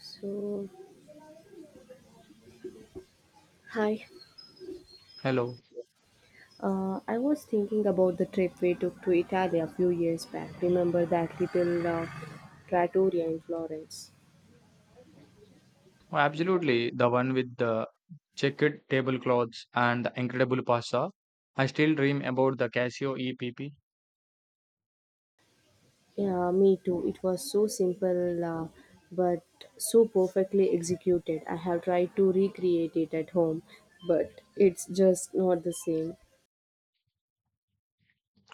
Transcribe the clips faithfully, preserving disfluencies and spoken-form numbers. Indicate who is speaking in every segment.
Speaker 1: So, hi.
Speaker 2: Hello.
Speaker 1: Uh, I was thinking about the trip we took to Italy a few years back. Remember that little uh, trattoria in Florence?
Speaker 2: Oh, absolutely. The one with the checkered tablecloths and the incredible pasta. I still dream about the Casio E P P.
Speaker 1: Yeah, me too. It was so simple, uh, but so perfectly executed. I have tried to recreate it at home, but it's just not the same.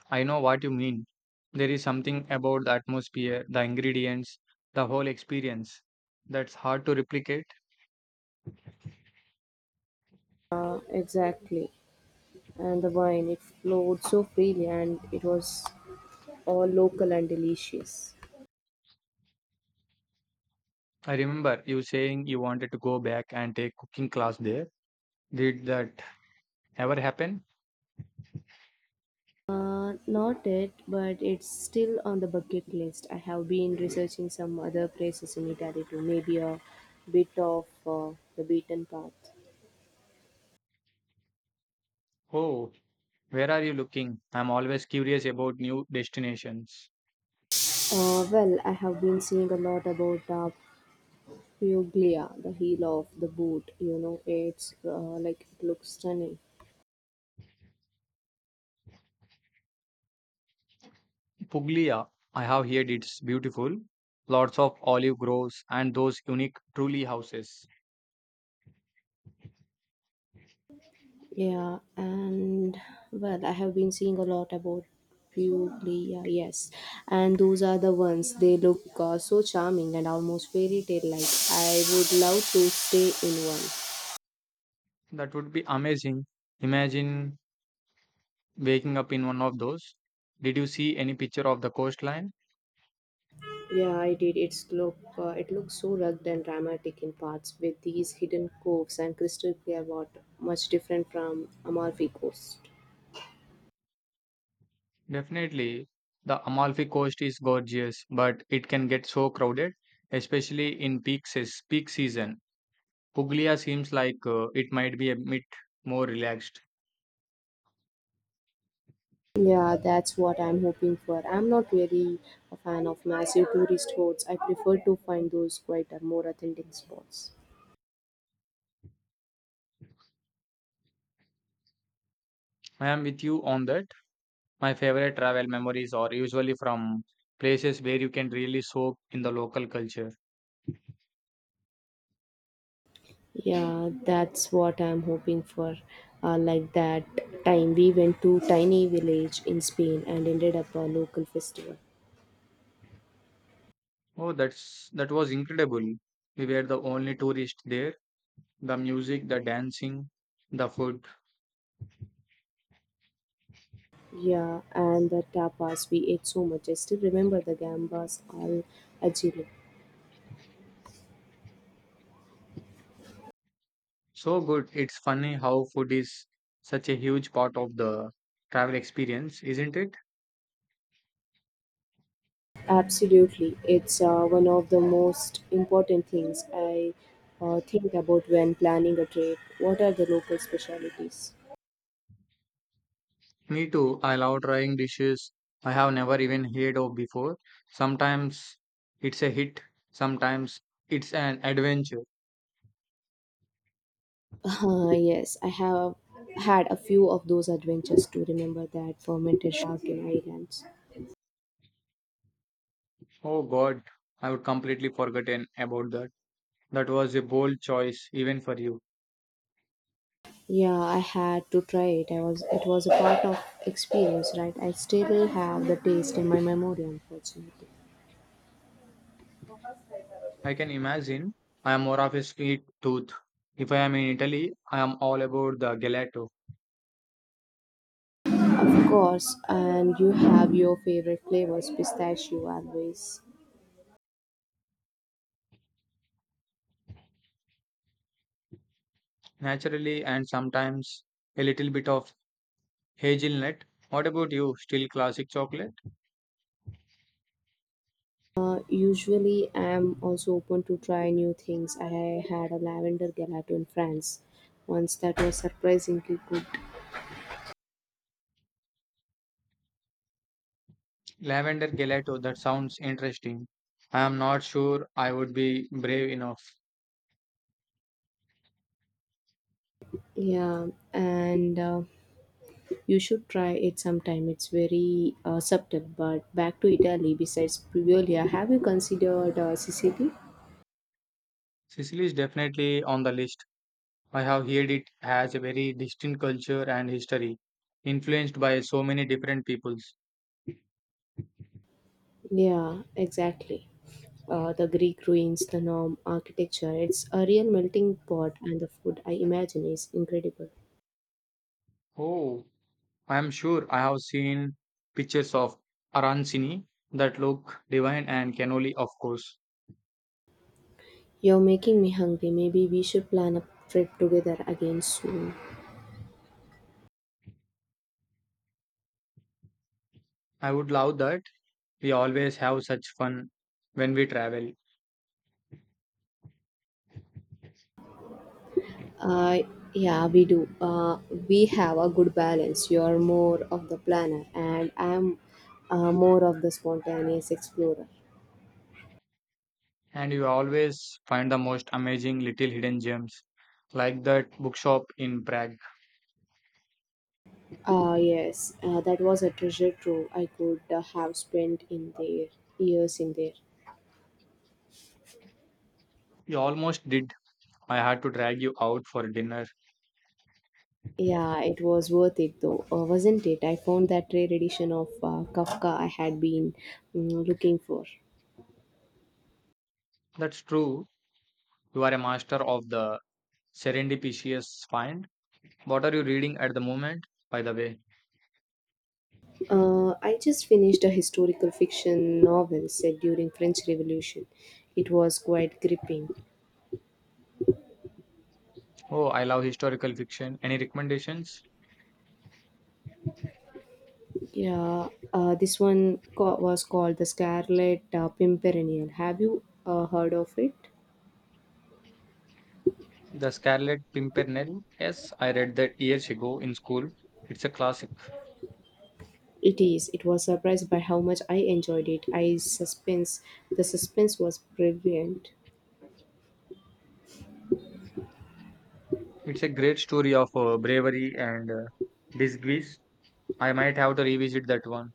Speaker 2: I know what you mean. There is something about the atmosphere, the ingredients, the whole experience that's hard to replicate.
Speaker 1: Uh, exactly. And the wine, it flowed so freely and it was all local and delicious.
Speaker 2: I remember you saying you wanted to go back and take cooking class there. Did that ever happen?
Speaker 1: Uh, not it, but it's still on the bucket list. I have been researching some other places in Italy too, maybe a bit of uh, the beaten path.
Speaker 2: Oh, where are you looking? I'm always curious about new destinations.
Speaker 1: Uh, well, I have been seeing a lot about uh, Puglia, the heel of the boot. You know, it's uh, like it looks stunning.
Speaker 2: Puglia, I have heard it's beautiful. Lots of olive groves and those unique truly houses.
Speaker 1: Yeah, and well, I have been seeing a lot about Puglia, yes, and those are the ones. They look uh, so charming and almost fairy tale like. I would love to stay in one.
Speaker 2: That would be amazing. Imagine waking up in one of those. Did you see any picture of the coastline?
Speaker 1: Yeah, I did. It's look uh, it looks so rugged and dramatic in parts with these hidden coves and crystal clear water, much different from Amalfi Coast.
Speaker 2: Definitely. The Amalfi Coast is gorgeous, but it can get so crowded, especially in peak, seas peak season. Puglia seems like uh, it might be a bit more relaxed.
Speaker 1: Yeah, that's what I'm hoping for. I'm not really a fan of massive tourist hoards. I prefer to find those quieter, more authentic spots.
Speaker 2: I am with you on that. My favorite travel memories are usually from places where you can really soak in the local culture.
Speaker 1: Yeah, that's what I'm hoping for. Uh, like that time we went to tiny village in Spain and ended up a local festival.
Speaker 2: Oh, that's that was incredible. We were the only tourists there. The music, the dancing, the food.
Speaker 1: Yeah, and the tapas we ate so much. I still remember the gambas al ajillo.
Speaker 2: So good. It's funny how food is such a huge part of the travel experience, isn't it?
Speaker 1: Absolutely. It's uh, one of the most important things I uh, think about when planning a trip. What are the local specialities?
Speaker 2: Me too. I love trying dishes I have never even heard of before. Sometimes it's a hit, sometimes it's an adventure.
Speaker 1: Uh, yes, I have had a few of those adventures to remember that fermented shark in islands.
Speaker 2: Oh God, I would completely forgotten about that. That was a bold choice, even for you.
Speaker 1: Yeah, I had to try it. I was It was a part of experience, right? I still have the taste in my memory, unfortunately.
Speaker 2: I can imagine. I am more of a sweet tooth. If I am in Italy, I am all about the gelato,
Speaker 1: Of course, and you have your favorite flavors, pistachio always.
Speaker 2: naturally, and sometimes a little bit of hazelnut. What about you? Still classic chocolate?
Speaker 1: Usually, I'm also open to try new things. I had a lavender gelato in France once that was surprisingly good.
Speaker 2: Lavender gelato, that sounds interesting. I am not sure I would be brave enough.
Speaker 1: Yeah, and uh, you should try it sometime. It's very uh, subtle. But back to Italy, besides Priviolia, have you considered uh, Sicily?
Speaker 2: Sicily is definitely on the list. I have heard it has a very distinct culture and history, influenced by so many different peoples.
Speaker 1: Yeah, exactly. Uh, the Greek ruins, the Norm architecture, it's a real melting pot, and the food I imagine is incredible.
Speaker 2: Oh, I am sure I have seen pictures of Arancini that look divine and cannoli, of course.
Speaker 1: You're making me hungry. Maybe we should plan a trip together again soon.
Speaker 2: I would love that. We always have such fun when we travel,
Speaker 1: Uh, yeah, we do. Uh, we have a good balance. You're more of the planner, and I'm uh, more of the spontaneous explorer.
Speaker 2: and you always find the most amazing little hidden gems, like that bookshop in Prague.
Speaker 1: Ah, yes, uh, that was a treasure trove I could uh, have spent in there, years in there.
Speaker 2: You almost did. I had to drag you out for dinner.
Speaker 1: Yeah, it was worth it though, uh, wasn't it? I found that rare edition of uh, Kafka I had been mm, looking for.
Speaker 2: That's true. You are a master of the serendipitous find. What are you reading at the moment, by the way?
Speaker 1: Uh, I just finished a historical fiction novel set during French Revolution. It was quite gripping.
Speaker 2: Oh, I love historical fiction. Any recommendations?
Speaker 1: Yeah, uh, this one co- was called The Scarlet uh, Pimpernel. Have you uh, heard of it?
Speaker 2: The Scarlet Pimpernel. Yes, I read that years ago in school. It's a classic.
Speaker 1: It is. It was surprised by how much I enjoyed it. I suspense. The suspense was brilliant.
Speaker 2: It's a great story of uh, bravery and uh, disgrace. I might have to revisit that one.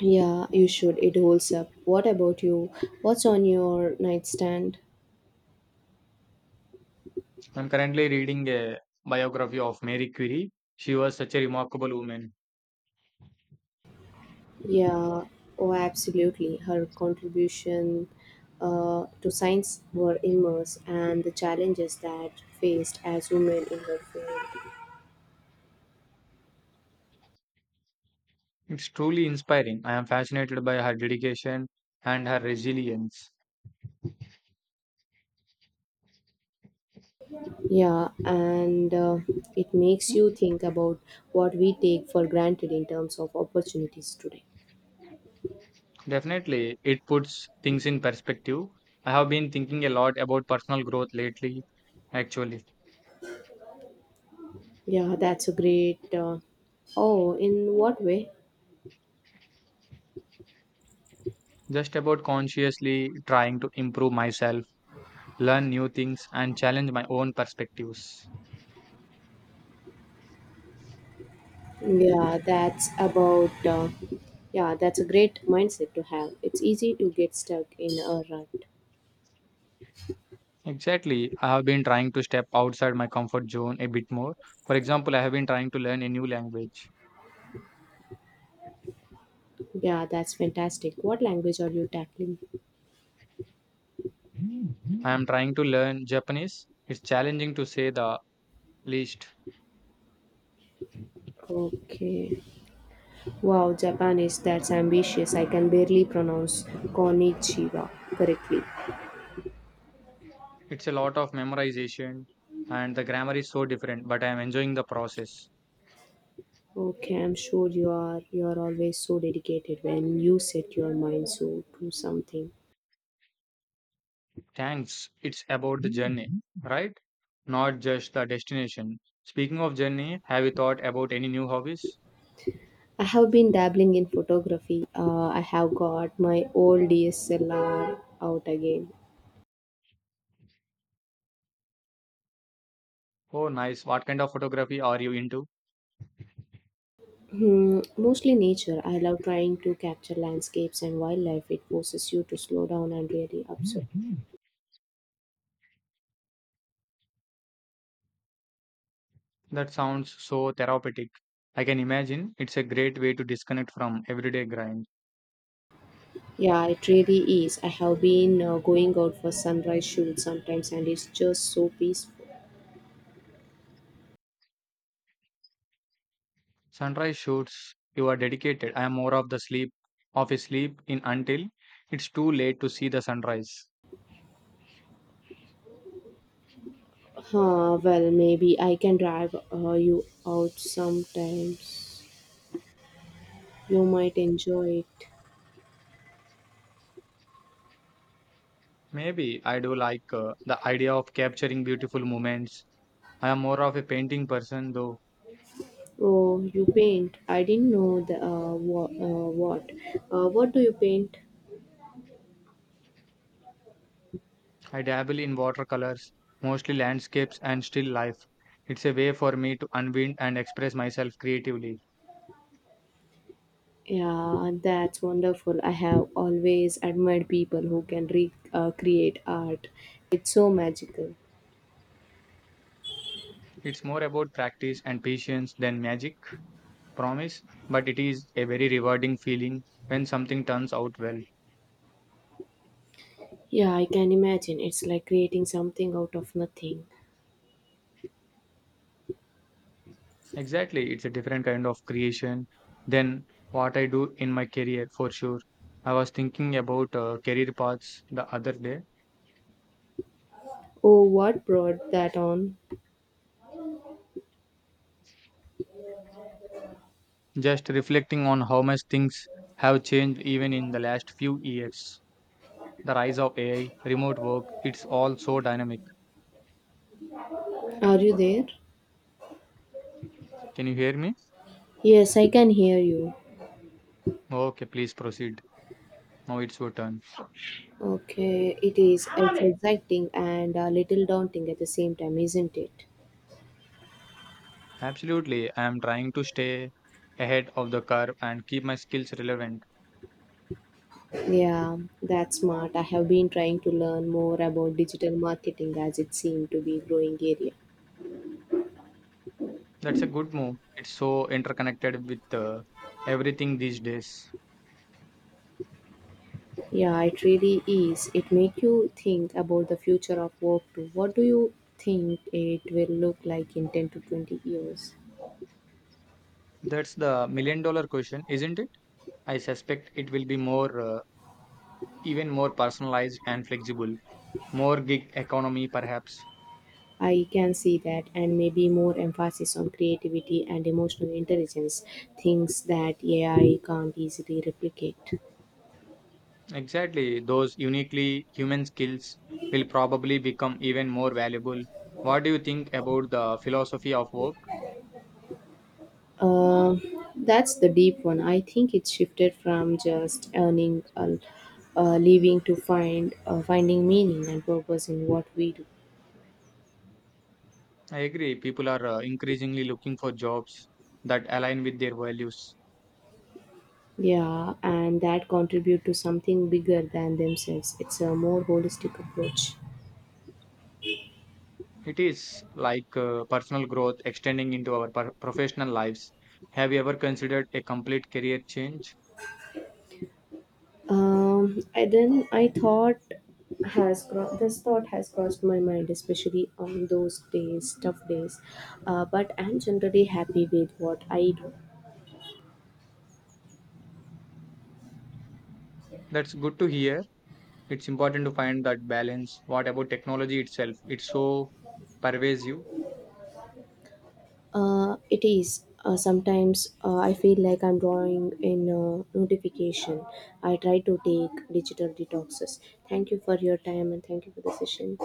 Speaker 1: Yeah, you should. It holds up. What about you? What's on your nightstand?
Speaker 2: I'm currently reading a biography of Mary Curie. She was such a remarkable woman.
Speaker 1: Yeah, oh, absolutely. Her contribution uh, to science were immense, and the challenges that faced as women in her field.
Speaker 2: It's truly inspiring. I am fascinated by her dedication and her resilience.
Speaker 1: Yeah, and uh, it makes you think about what we take for granted in terms of opportunities today.
Speaker 2: Definitely, it puts things in perspective. I have been thinking a lot about personal growth lately, actually.
Speaker 1: Yeah, that's a great. Uh, oh, in what way?
Speaker 2: Just about consciously trying to improve myself, learn new things, and challenge my own perspectives.
Speaker 1: Yeah, that's about. Uh, yeah, that's a great mindset to have. It's easy to get stuck in a rut.
Speaker 2: Exactly, I have been trying to step outside my comfort zone a bit more. For example, I have been trying to learn a new language.
Speaker 1: Yeah, that's fantastic. What language are you tackling?
Speaker 2: I am trying to learn Japanese. It's challenging to say the least.
Speaker 1: Okay. Wow, Japanese, that's ambitious. I can barely pronounce konnichiwa correctly.
Speaker 2: It's a lot of memorization, and the grammar is so different, but I am enjoying the process.
Speaker 1: Okay, I'm sure you are you are always so dedicated when you set your mind so to something.
Speaker 2: Thanks. It's about the journey, right? Not just the destination. Speaking of journey, have you thought about any new hobbies?
Speaker 1: I have been dabbling in photography. Uh, I have got my old D S L R out again.
Speaker 2: Oh, nice. What kind of photography are you into?
Speaker 1: Hmm, mostly nature. I love trying to capture landscapes and wildlife. It forces you to slow down and really observe.
Speaker 2: That sounds so therapeutic. I can imagine it's a great way to disconnect from everyday grind.
Speaker 1: Yeah, it really is. I have been uh, going out for sunrise shoots sometimes, and it's just so peaceful.
Speaker 2: Sunrise shoots, you are dedicated. I am more of the sleep, of a sleep in until it's too late to see the sunrise.
Speaker 1: Huh, well, maybe I can drive uh, you out sometimes. You might enjoy it.
Speaker 2: Maybe I do like uh, the idea of capturing beautiful moments. I am more of a painting person though.
Speaker 1: Oh, you paint. I didn't know the, uh, what. Uh, what. Uh, what do you paint?
Speaker 2: I dabble in watercolors, mostly landscapes and still life. It's a way for me to unwind and express myself creatively.
Speaker 1: Yeah, that's wonderful. I have always admired people who can re- uh, create art. It's so magical.
Speaker 2: It's more about practice and patience than magic, promise, but it is a very rewarding feeling when something turns out well.
Speaker 1: Yeah, I can imagine. It's like creating something out of nothing.
Speaker 2: Exactly, it's a different kind of creation than what I do in my career for sure. I was thinking about uh, career paths the other day,
Speaker 1: Oh, what brought that on?
Speaker 2: just reflecting on how much things have changed even in the last few years. The rise of A I, remote work, it's all so dynamic.
Speaker 1: Are you there?
Speaker 2: Can you hear me?
Speaker 1: Yes, I can hear you.
Speaker 2: Okay, please proceed. Now it's your turn.
Speaker 1: Okay, it is. It's exciting and a little daunting at the same time, isn't it?
Speaker 2: Absolutely. I am trying to stay ahead of the curve and keep my skills relevant.
Speaker 1: Yeah, that's smart. I have been trying to learn more about digital marketing as it seemed to be a growing area.
Speaker 2: That's a good move. It's so interconnected with uh, everything these days.
Speaker 1: Yeah, it really is. It make you think about the future of work too. What do you think it will look like in ten to twenty years?
Speaker 2: That's the million dollar question, isn't it? I suspect it will be more, uh, even more personalized and flexible, more gig economy perhaps.
Speaker 1: I can see that, and maybe more emphasis on creativity and emotional intelligence, things that A I can't easily replicate.
Speaker 2: Exactly, those uniquely human skills will probably become even more valuable. What do you think about the philosophy of work?
Speaker 1: Uh, that's the deep one. I think it shifted from just earning a, a living to find uh, finding meaning and purpose in what we do.
Speaker 2: I agree, people are uh, increasingly looking for jobs that align with their values.
Speaker 1: Yeah, and that contribute to something bigger than themselves. It's a more holistic approach.
Speaker 2: It is like uh, personal growth extending into our per- professional lives. Have you ever considered a complete career change?
Speaker 1: Um, I then I thought has cro- This thought has crossed my mind, especially on those days, tough days. Uh, but I'm generally happy with what I do.
Speaker 2: That's good to hear. It's important to find that balance. What about technology itself? It's so pervasive.
Speaker 1: Uh, it is. Uh, sometimes uh, I feel like I'm drawing in a notification. I try to take digital detoxes. Thank you for your time and thank you for the session.